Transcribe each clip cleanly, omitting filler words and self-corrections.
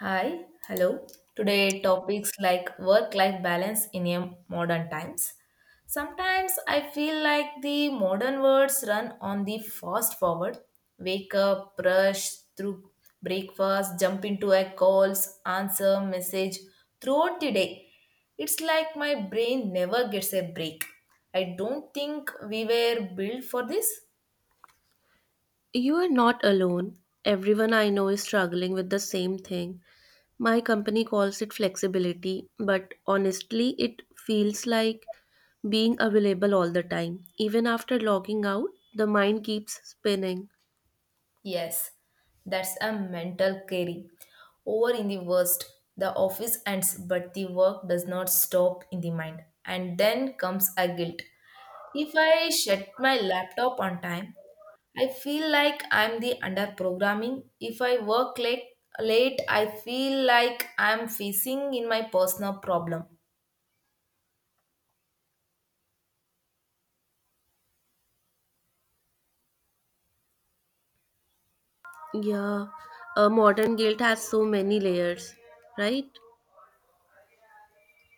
Hi, hello. Today, topics like work life balance in a modern times. Sometimes I feel like the modern words run on the fast forward wake up, brush through breakfast, jump into a calls, answer message throughout the day. It's like my brain never gets a break. I don't think we were built for this. You are not alone. Everyone I know is struggling with the same thing. My company calls it flexibility, but honestly, it feels like being available all the time. Even after logging out, the mind keeps spinning. Yes, that's a mental carry. Over in the worst, the office ends, but the work does not stop in the mind. And then comes a guilt. If I shut my laptop on time, I feel like I'm the under programming. If I work late, late, I feel like I'm facing in my personal problem. Yeah, modern guilt has so many layers, right?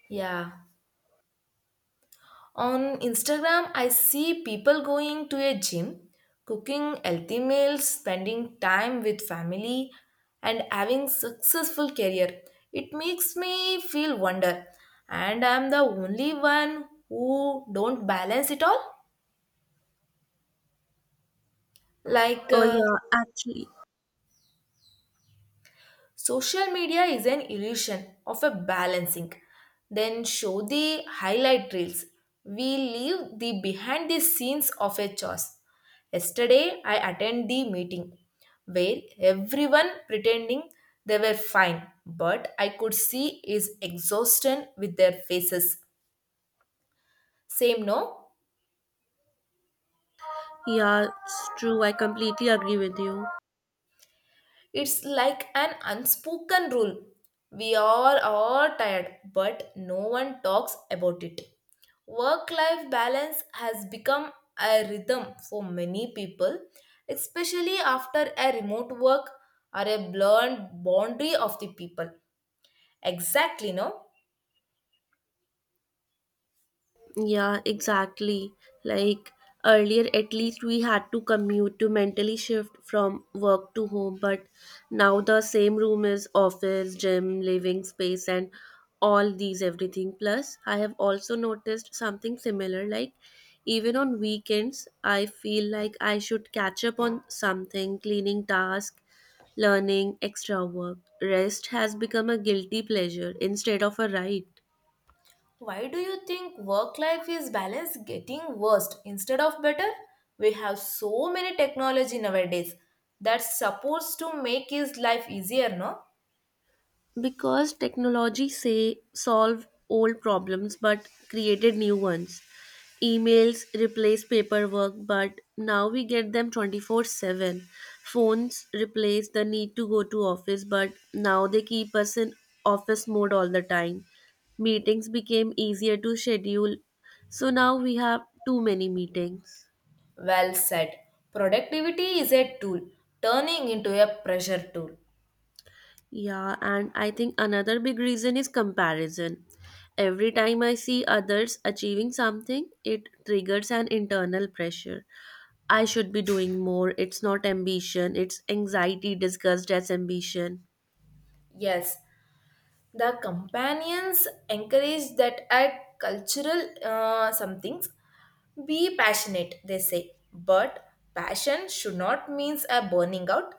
Yeah. On Instagram, I see people going to a gym, cooking healthy meals, spending time with family, and having successful career. It makes me feel wonder, and I'm the only one who don't balance it all. Like Oh, yeah, actually, social media is an illusion of a balancing. Then show the highlight reels. We leave the behind the scenes of a choice. Yesterday, I attend the meeting where everyone pretending they were fine, but I could see is exhaustion with their faces. Same no? yeah, it's true. I completely agree with you. It's like an unspoken rule. We are all tired, but no one talks about it. Work life balance has become a rhythm for many people, especially after a remote work or a blurred boundary of the people. Exactly, no? Yeah, exactly. Like earlier, at least we had to commute to mentally shift from work to home, but now the same room is office, gym, living space, and all these everything. Plus, I have also noticed something similar. Like, even on weekends, I feel like I should catch up on something, cleaning task, learning, extra work. Rest has become a guilty pleasure instead of a right. Why do you think work life is balance getting worse instead of better? We have so many technology nowadays that's supposed to make his life easier, no? Because technology say solve old problems but created new ones. Emails replace paperwork, but now we get them 24/7. Phones replace the need to go to office, but now they keep us in office mode all the time. Meetings became easier to schedule, so now we have too many meetings. Well said. Productivity is a tool turning into a pressure tool. Yeah, and I think another big reason is comparison. Every time I see others achieving something, it triggers an internal pressure. I should be doing more. It's not ambition, it's anxiety disguised as ambition. Yes, the companions encourage that at cultural somethings be passionate, they say. But passion should not means a burning out.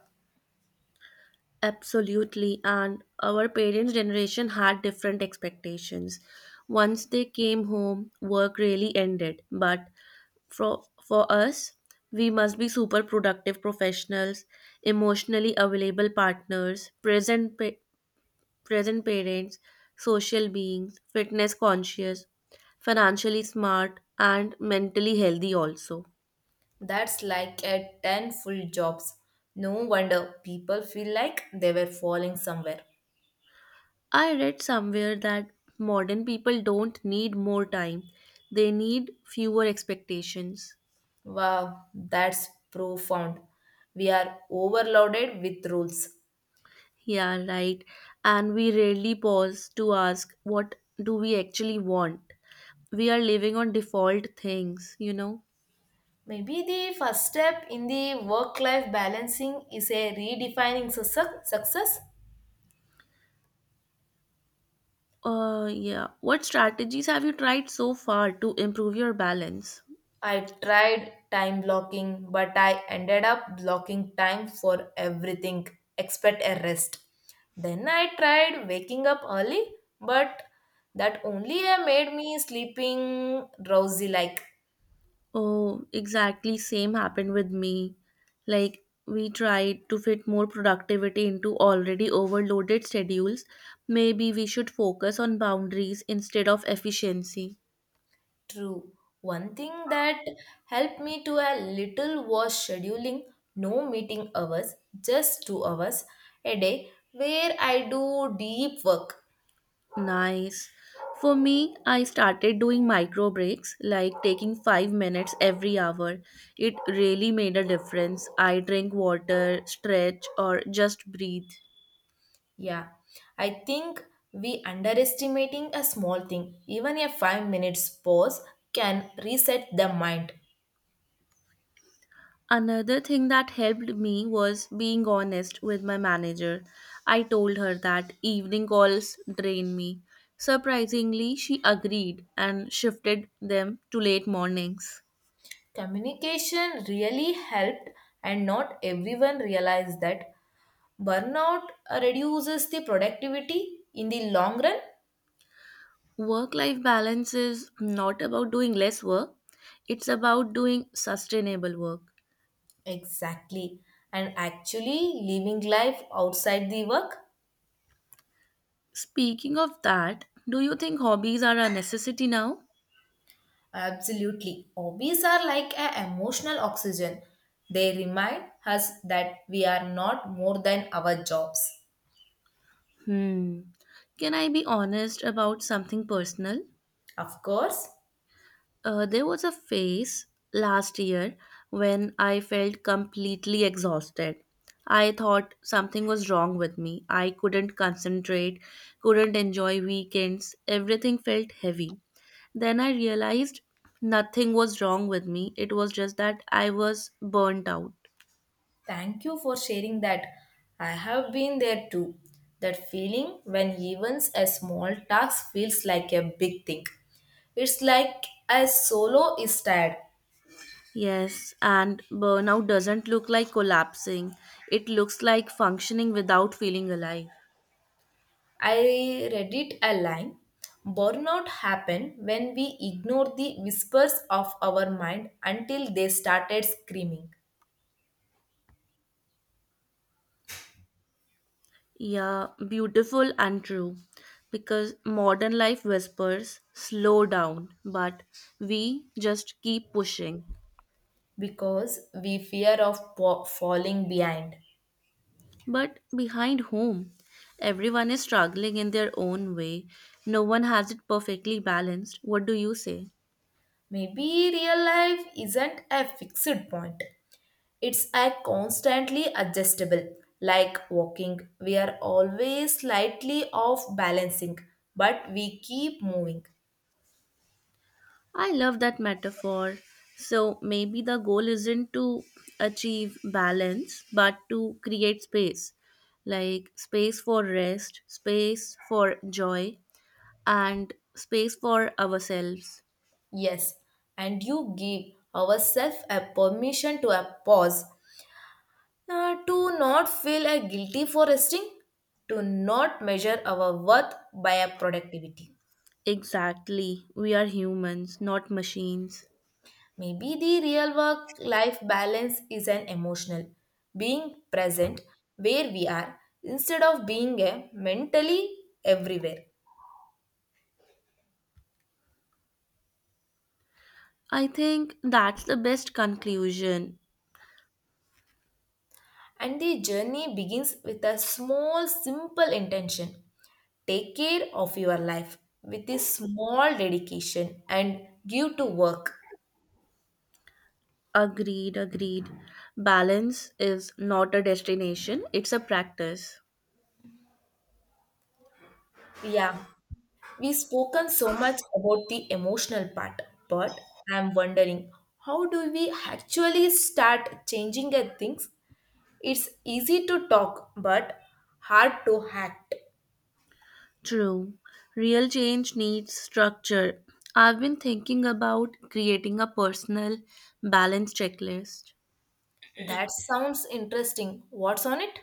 Absolutely. And our parents' generation had different expectations. Once they came home, work really ended. But for us, we must be super productive professionals, emotionally available partners, present, present parents, social beings, fitness conscious, financially smart, and mentally healthy also. That's like a 10 full jobs. No wonder people feel like they were falling somewhere. I read somewhere that modern people don't need more time, they need fewer expectations. Wow, that's profound. We are overloaded with rules. Yeah, right. And we rarely pause to ask, what do we actually want? We are living on default things, you know? Maybe the first step in the work life balancing is a redefining success. Success. Yeah. What strategies have you tried so far to improve your balance? I tried time blocking, but I ended up blocking time for everything except a rest. Then I tried waking up early, but that only made me sleeping drowsy like. Oh, exactly same happened with me. Like we tried to fit more productivity into already overloaded schedules. Maybe we should focus on boundaries instead of efficiency. True. One thing that helped me to a little was scheduling no meeting hours, just 2 hours a day where I do deep work. Nice. For me, I started doing micro breaks, like taking 5 minutes every hour. It really made a difference. I drink water, stretch, or just breathe. Yeah. I think we underestimating a small thing. Even a 5 minutes pause can reset the mind. Another thing that helped me was being honest with my manager. I told her that evening calls drain me. Surprisingly, she agreed and shifted them to late mornings. Communication really helped and not everyone realized that burnout reduces the productivity in the long run. Work life balance is not about doing less work, it's about doing sustainable work. Exactly. And actually living life outside the work? Speaking of that, do you think hobbies are a necessity now? Absolutely. Hobbies are like a emotional oxygen. They remind us that we are not more than our jobs. Hmm. Can I be honest about something personal? Of course, There was a phase last year when I felt completely exhausted. I thought something was wrong with me. I couldn't concentrate, couldn't enjoy weekends. Everything felt heavy. Then I realized nothing was wrong with me. It was just that I was burnt out. thank you for sharing that. I have been there too. That feeling when even a small task feels like a big thing. It's like a solo is tired. Yes, and burnout doesn't look like collapsing, it looks like functioning without feeling alive. I read it a line. Burnout happen when we ignore the whispers of our mind until they started screaming Yeah, beautiful and true. Because modern life whispers, slow down, but we just keep pushing. because we fear of falling behind. But behind whom? Everyone is struggling in their own way. No one has it perfectly balanced. What do you say? Maybe real life isn't a fixed point. It's a constantly adjustable. Like walking, we are always slightly off balancing, but we keep moving. I love that metaphor. So maybe the goal isn't to achieve balance, but to create space, like space for rest, space for joy, and space for ourselves. Yes, and you give ourselves a permission to a pause. To not feel guilty for resting, to not measure our worth by our productivity. Exactly. We are humans, not machines. Maybe the real work life balance is an emotional, being present where we are instead of being mentally everywhere. I think that's the best conclusion. And the journey begins with a small, simple intention. Take care of your life with a small dedication and give to work. Agreed, agreed. Balance is not a destination, it's a practice. Yeah. We've spoken so much about the emotional part, but I'm wondering how do we actually start changing at things? It's easy to talk, but hard to act. True. Real change needs structure. I've been thinking about creating a personal balance checklist. That sounds interesting. What's on it?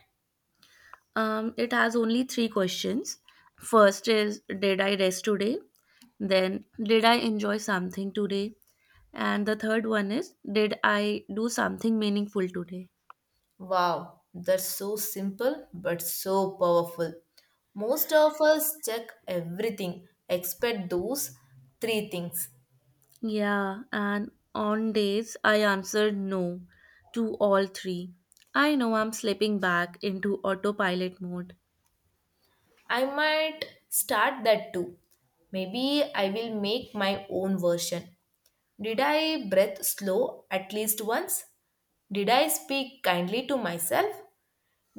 It has only three questions. First is, did I rest today? Then, did I enjoy something today? And the third one is, did I do something meaningful today? Wow, that's so simple but so powerful. Most of us check everything except those three things. Yeah, and on days I answered no to all three, I know I'm slipping back into autopilot mode. I might start that too. Maybe I will make my own version. Did I breathe slow at least once? Did I speak kindly to myself?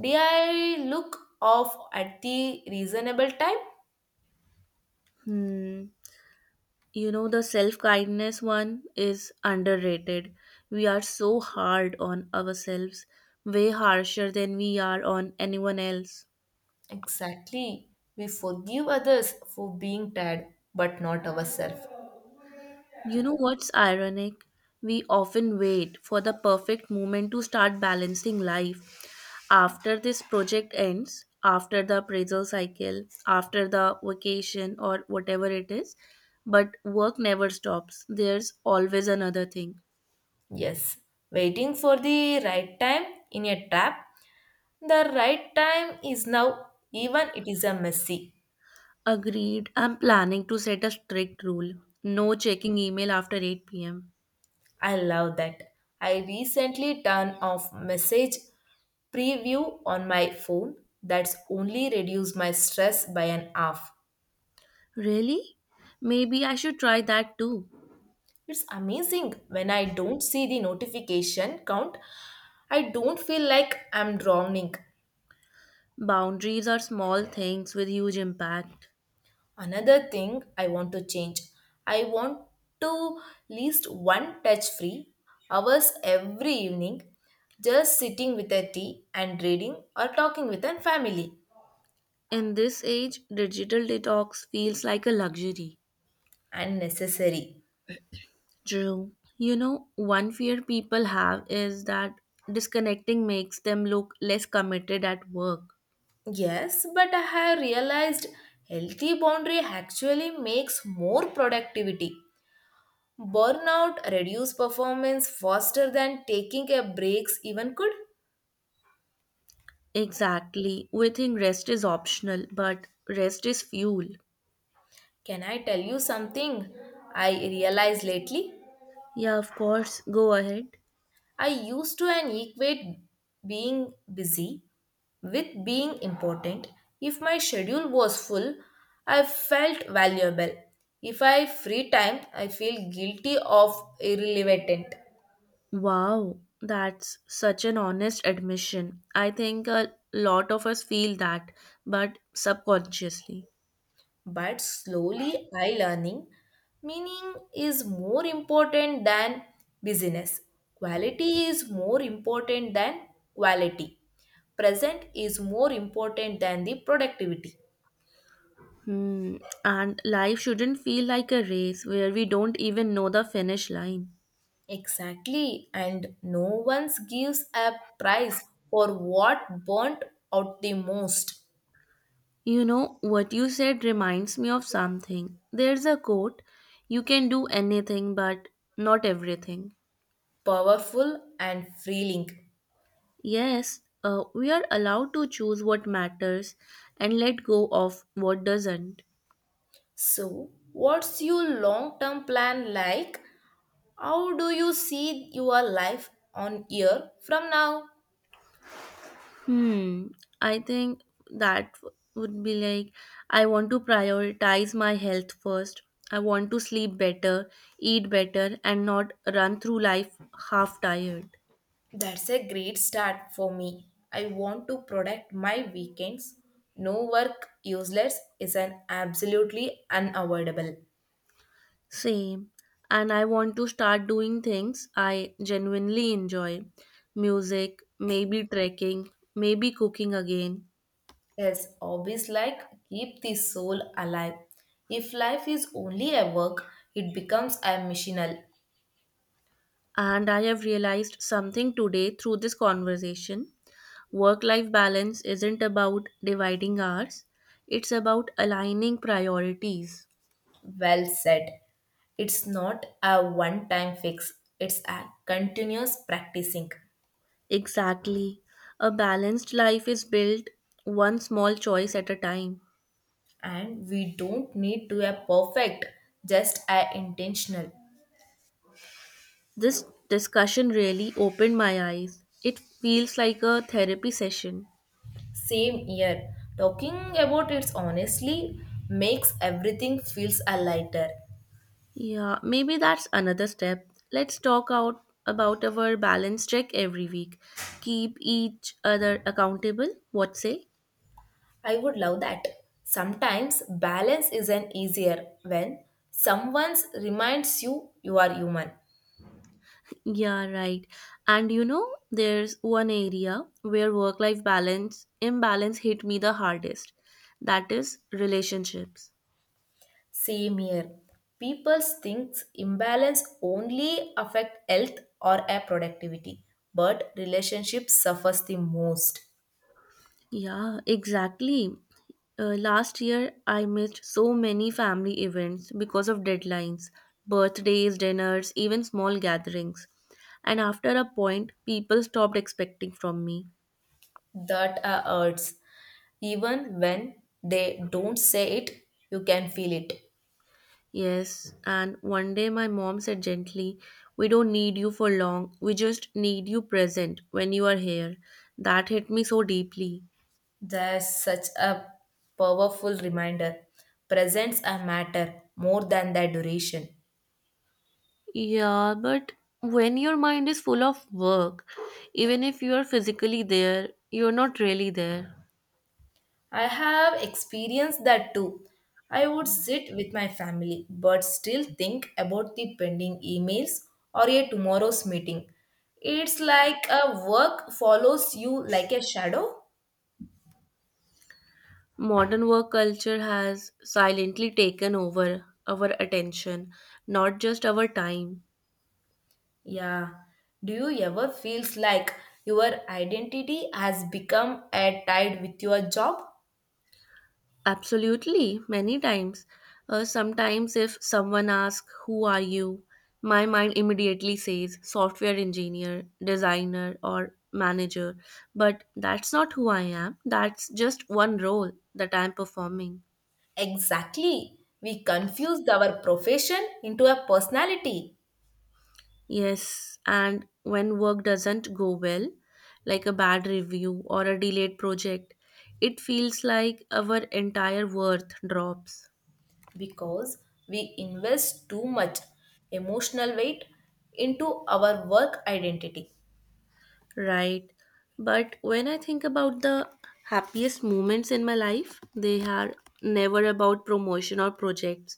Did I look off at the reasonable time? Hmm. You know, the self kindness one is underrated. We are so hard on ourselves, way harsher than we are on anyone else. Exactly. We forgive others for being tired, but not ourselves. You know what's ironic? We often wait for the perfect moment to start balancing life. After this project ends, after the appraisal cycle, after the vacation or whatever it is, but work never stops. There's always another thing. Yes, waiting for the right time in a trap. The right time is now, even it is a messy. Agreed. I'm planning to set a strict rule. No checking email after 8 pm. I love that. I recently turned off message preview on my phone that's only reduced my stress by an half. Really? Maybe I should try that too. It's amazing when I don't see the notification count, I don't feel like I'm drowning. Boundaries are small things with huge impact. Another thing I want to change, I want to least one touch free hours every evening just sitting with a tea and reading or talking with a family In this age, digital detox feels like a luxury. unnecessary. True. You know, one fear people have is that disconnecting makes them look less committed at work. Yes, but I have realized healthy boundary actually makes more productivity. Burnout reduce performance faster than taking a breaks even could. Exactly. We think rest is optional, but rest is fuel. Can I tell you something I realized lately? Yeah, of course. Go ahead. I used to an equate being busy with being important. If my schedule was full, I felt valuable. If I free time, I feel guilty of irrelevant. Wow, that's such an honest admission. I think a lot of us feel that, but subconsciously. But slowly I learning meaning is more important than business. Quality is more important than quality. Present is more important than the productivity. Hmm. And life shouldn't feel like a race where we don't even know the finish line. Exactly, and no one gives a prize for what burnt out the most You know, what you said reminds me of something. There's a quote, you can do anything, but not everything. powerful and free link. Yes, we are allowed to choose what matters and let go of what doesn't. So, what's your long term plan like? How do you see your life on year from now? Hmm, I think that would be like, I want to prioritize my health first. I want to sleep better, eat better, and not run through life half tired. That's a great start for me. I want to protect my weekends. No work useless is an absolutely unavoidable. Same. And I want to start doing things I genuinely enjoy, music, maybe trekking, maybe cooking again. Yes, hobbies like keep the soul alive. If life is only a work, it becomes a missional. And I have realized something today through this conversation. Work life balance isn't about dividing hours, it's about aligning priorities. Well said. It's not a one time fix, it's a continuous practicing. Exactly. A balanced life is built one small choice at a time. And we don't need to a perfect just a intentional This discussion really opened my eyes. It feels like a therapy session. same year talking about it honestly makes everything feels a lighter. Yeah, maybe that's another step. Let's talk out about our balance check every week. Keep each other accountable. What say? I would love that. Sometimes balance isn't easier when someone reminds you you are human Yeah, right. And you know, there's one area where work-life balance imbalance hit me the hardest. That is relationships. same year people think imbalance only affect health or a productivity but relationships suffers the most. Yeah, exactly. Last year, I missed so many family events because of deadlines, birthdays, dinners, even small gatherings. And after a point, people stopped expecting from me. That hurts. Even when they don't say it, you can feel it. Yes, and one day my mom said gently, we don't need you for long, we just need you present when you are here. That hit me so deeply. There's such a powerful reminder. Presence a matter more than their duration. Yeah, but when your mind is full of work, even if you are physically there, you're not really there. I have experienced that too. I would sit with my family but still think about the pending emails or a tomorrow's meeting. It's like a work follows you like a shadow. Modern work culture has silently taken over our attention, not just our time. Yeah. Do you ever feels like your identity has become a tied with your job? Absolutely, many times. Sometimes, if someone asks, who are you? My mind immediately says software engineer, designer, or manager. But that's not who I am, that's just one role that I'm performing. Exactly. We confused our profession into a personality Yes, and when work doesn't go well, like a bad review or a delayed project, it feels like our entire worth drops. because we invest too much emotional weight into our work identity. Right. But when I think about the happiest moments in my life, they are never about promotion or projects.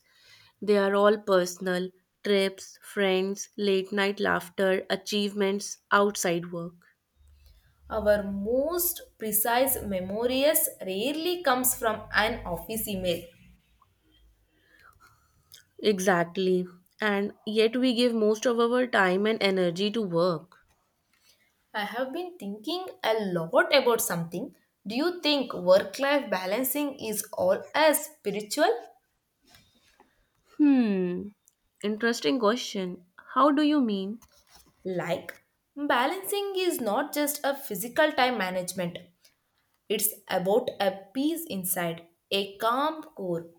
They are all personal, trips, friends, late night laughter, achievements outside work. Our most precise memories rarely comes from an office email. Exactly. And yet we give most of our time and energy to work. I have been thinking a lot about something. Do you think work life balancing is all as spiritual? Hmm. Interesting question. How do you mean? Like, balancing is not just a physical time management, it's about a peace inside, a calm core.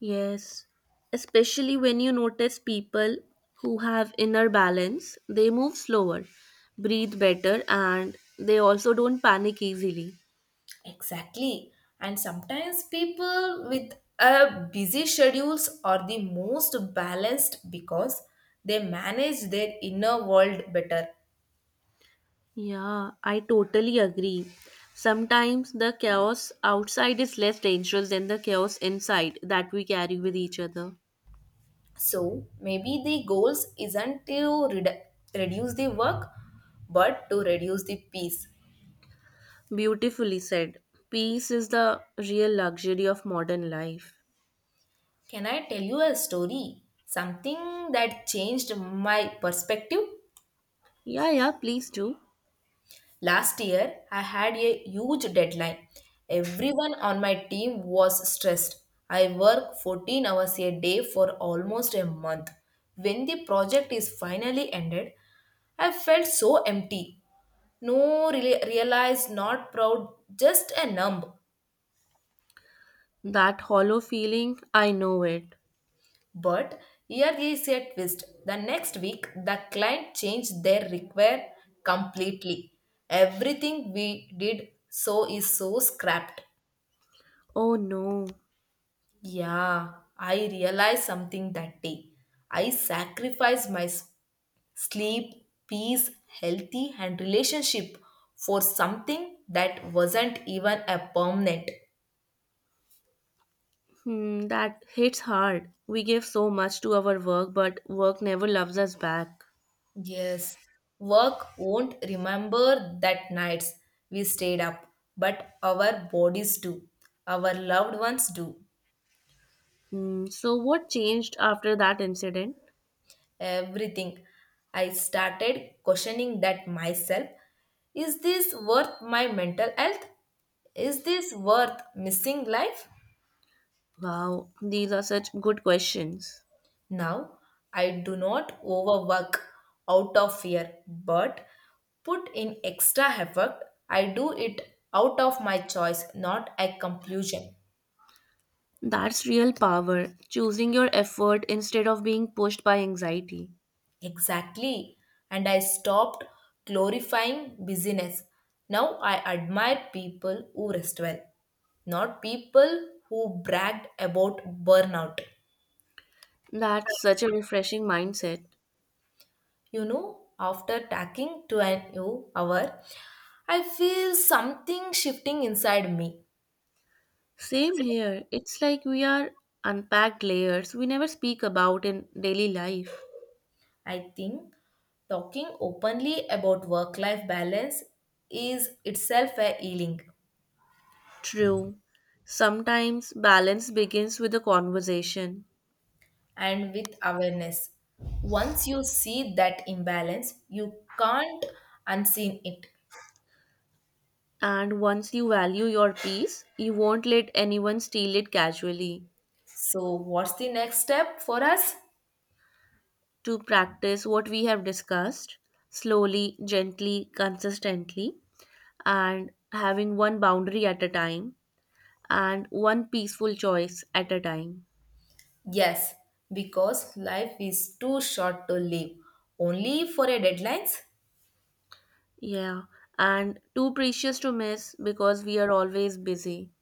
Yes, especially when you notice people who have inner balance, they move slower, breathe better, and they also don't panic easily. Exactly. And sometimes people with a busy schedules are the most balanced because they manage their inner world better. Yeah, I totally agree. Sometimes the chaos outside is less dangerous than the chaos inside that we carry with each other. So maybe the goals isn't to redu- reduce the work, but to reduce the peace. Beautifully said. Peace is the real luxury of modern life. Can I tell you a story? Something that changed my perspective. Yeah, yeah, please do. Last year, I had a huge deadline. Everyone on my team was stressed. I worked 14 hours a day for almost a month. When the project is finally ended, I felt so empty. Realize, not proud, just a numb. That hollow feeling, I know it. But here is a twist. The next week, the client changed their require completely. Everything we did so is so scrapped. Oh no. Yeah, I realized something that day. I sacrificed my sleep, peace, healthy, and relationship for something that wasn't even a permanent. Hmm, that hits hard. We give so much to our work, but work never loves us back. Yes, work won't remember that nights we stayed up, but our bodies do, our loved ones do, Hmm, so, what changed after that incident? everything. I started questioning that myself. Is this worth my mental health? Is this worth missing life? Wow, these are such good questions. Now, I do not overwork out of fear, but put in extra effort. I do it out of my choice, not a conclusion. That's real power, choosing your effort instead of being pushed by anxiety. Exactly. And I stopped glorifying busyness. Now I admire people who rest well, not people who bragged about burnout. That's such a refreshing mindset. You know, after tacking to an new hour, I feel something shifting inside me. Same here, it's like we are unpacked layers we never speak about in daily life. I think talking openly about work life balance is itself a healing. True. Sometimes balance begins with a conversation. And with awareness. Once you see that imbalance, you can't unseen it. And once you value your peace, you won't let anyone steal it casually. So, what's the next step for us? To practice what we have discussed slowly, gently, consistently, and having one boundary at a time and one peaceful choice at a time. Yes, because life is too short to live only for a deadlines. Yeah, and too precious to miss because we are always busy.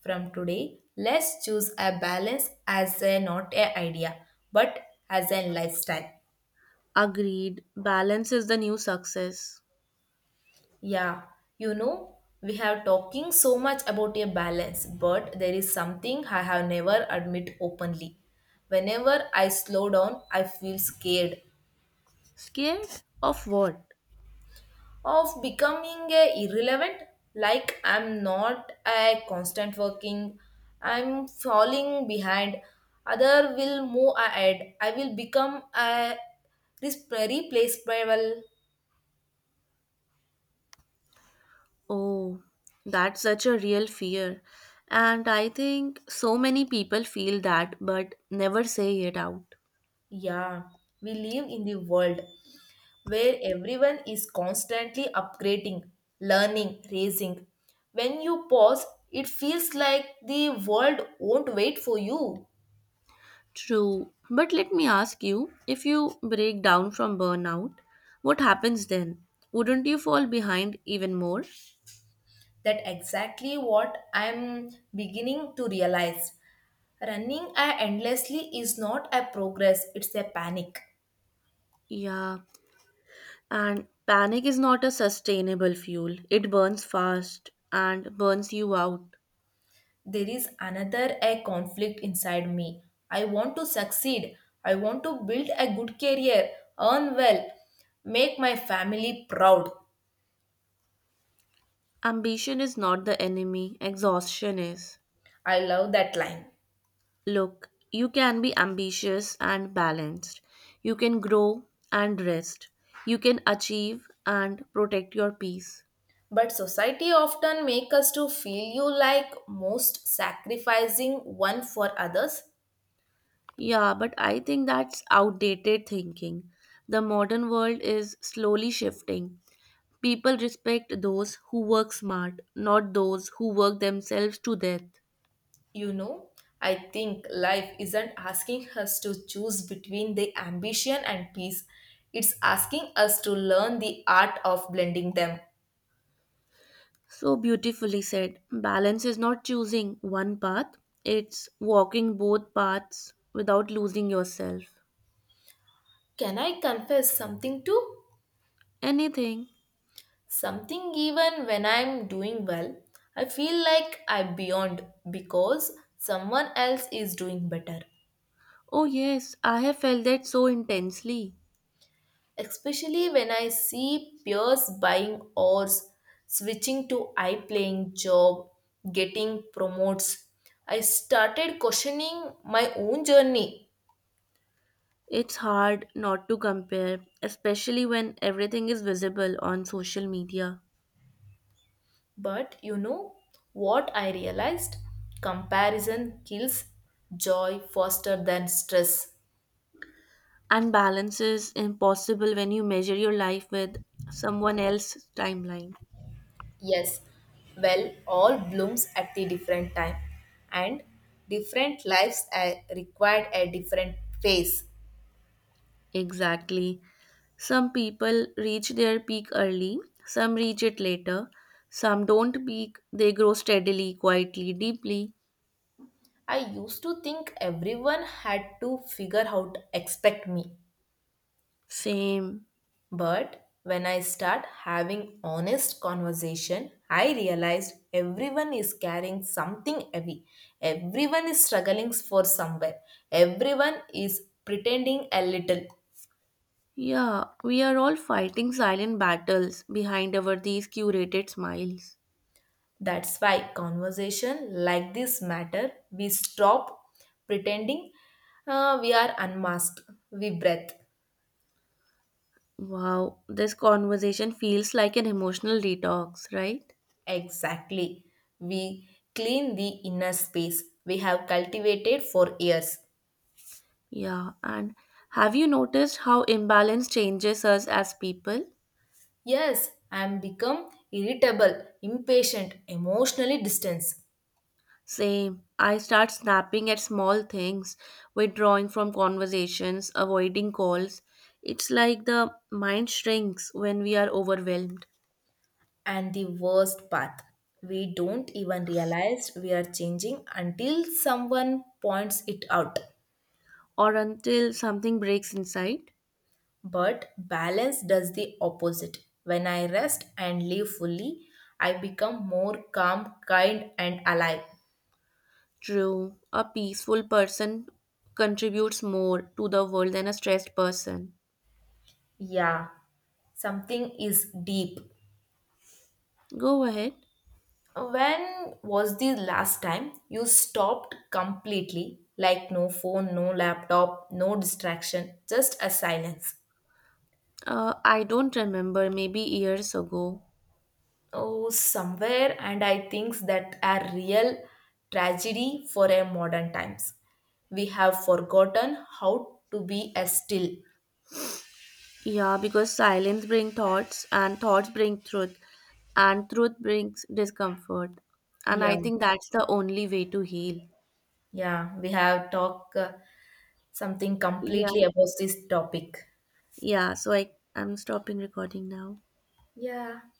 From today, let's choose a balance as a not a idea, but as a lifestyle. Agreed, balance is the new success. Yeah, you know, we have talking so much about a balance, but there is something I have never admit openly. Whenever I slow down, I feel scared Scared of what? of becoming a irrelevant, like I'm not a constant working, I'm falling behind. Other will move ahead. I will become a replaceable. Oh, that's such a real fear. And I think so many people feel that but never say it out. Yeah, we live in the world where everyone is constantly upgrading, learning, raising. When you pause, it feels like the world won't wait for you. True. But let me ask you, if you break down from burnout, what happens then? Wouldn't you fall behind even more? That exactly what I'm beginning to realize. Running endlessly is not a progress, it's a panic. Yeah, and panic is not a sustainable fuel. It burns fast and burns you out. There is another a conflict inside me. I want to succeed. I want to build a good career, earn well, make my family proud. Ambition is not the enemy, exhaustion is. I love that line. Look, you can be ambitious and balanced. You can grow and rest. You can achieve and protect your peace. But society often make us to feel you like most sacrificing one for others. Yeah, but I think that's outdated thinking. The modern world is slowly shifting. People respect those who work smart, not those who work themselves to death. You know, I think life isn't asking us to choose between the ambition and peace. It's asking us to learn the art of blending them. So beautifully said. Balance is not choosing one path, it's walking both paths without losing yourself. Can I confess something too? Anything. Something even when I'm doing well, I feel like I'm beyond because someone else is doing better. Oh, yes, I have felt that so intensely. Especially when I see peers buying oars, switching to I playing job, getting promotes. I started questioning my own journey. It's hard not to compare, especially when everything is visible on social media. But you know what I realized? Comparison kills joy faster than stress. And balance is impossible when you measure your life with someone else's timeline. Yes, well, all blooms at the different time, and different lives are required a different phase. Exactly. Some people reach their peak early, some reach it later, some don't peak, they grow steadily, quietly, deeply. I used to think everyone had to figure out expect me, Same. but when I start having honest conversation, I realized everyone is carrying something heavy. Everyone is struggling for somewhere. Everyone is pretending a little. Yeah, we are all fighting silent battles behind our these curated smiles. That's why conversation like this matter. We stop pretending we are unmasked. We breathe. Wow, this conversation feels like an emotional detox, right? Exactly. We clean the inner space we have cultivated for years. Yeah, and have you noticed how imbalance changes us as people? Yes, I am become irritable, impatient, emotionally distanced. Same. I start snapping at small things, withdrawing from conversations, avoiding calls. It's like the mind shrinks when we are overwhelmed, And the worst part, we don't even realize we are changing until someone points it out. or until something breaks inside. But balance does the opposite. When I rest and live fully, I become more calm, kind, and alive. True, a peaceful person contributes more to the world than a stressed person. Yeah, something is deep. Go ahead. When was the last time you stopped completely? Like no phone, no laptop, no distraction, just a silence. I don't remember, maybe years ago. Oh, somewhere, and I think that a real tragedy for our modern times. We have forgotten how to be as still. Yeah, because silence brings thoughts, and thoughts bring truth, and truth brings discomfort. And Yeah, I think that's the only way to heal. yeah, we have talked something Yeah, completely about this topic. yeah. So I'm stopping recording now. Yeah,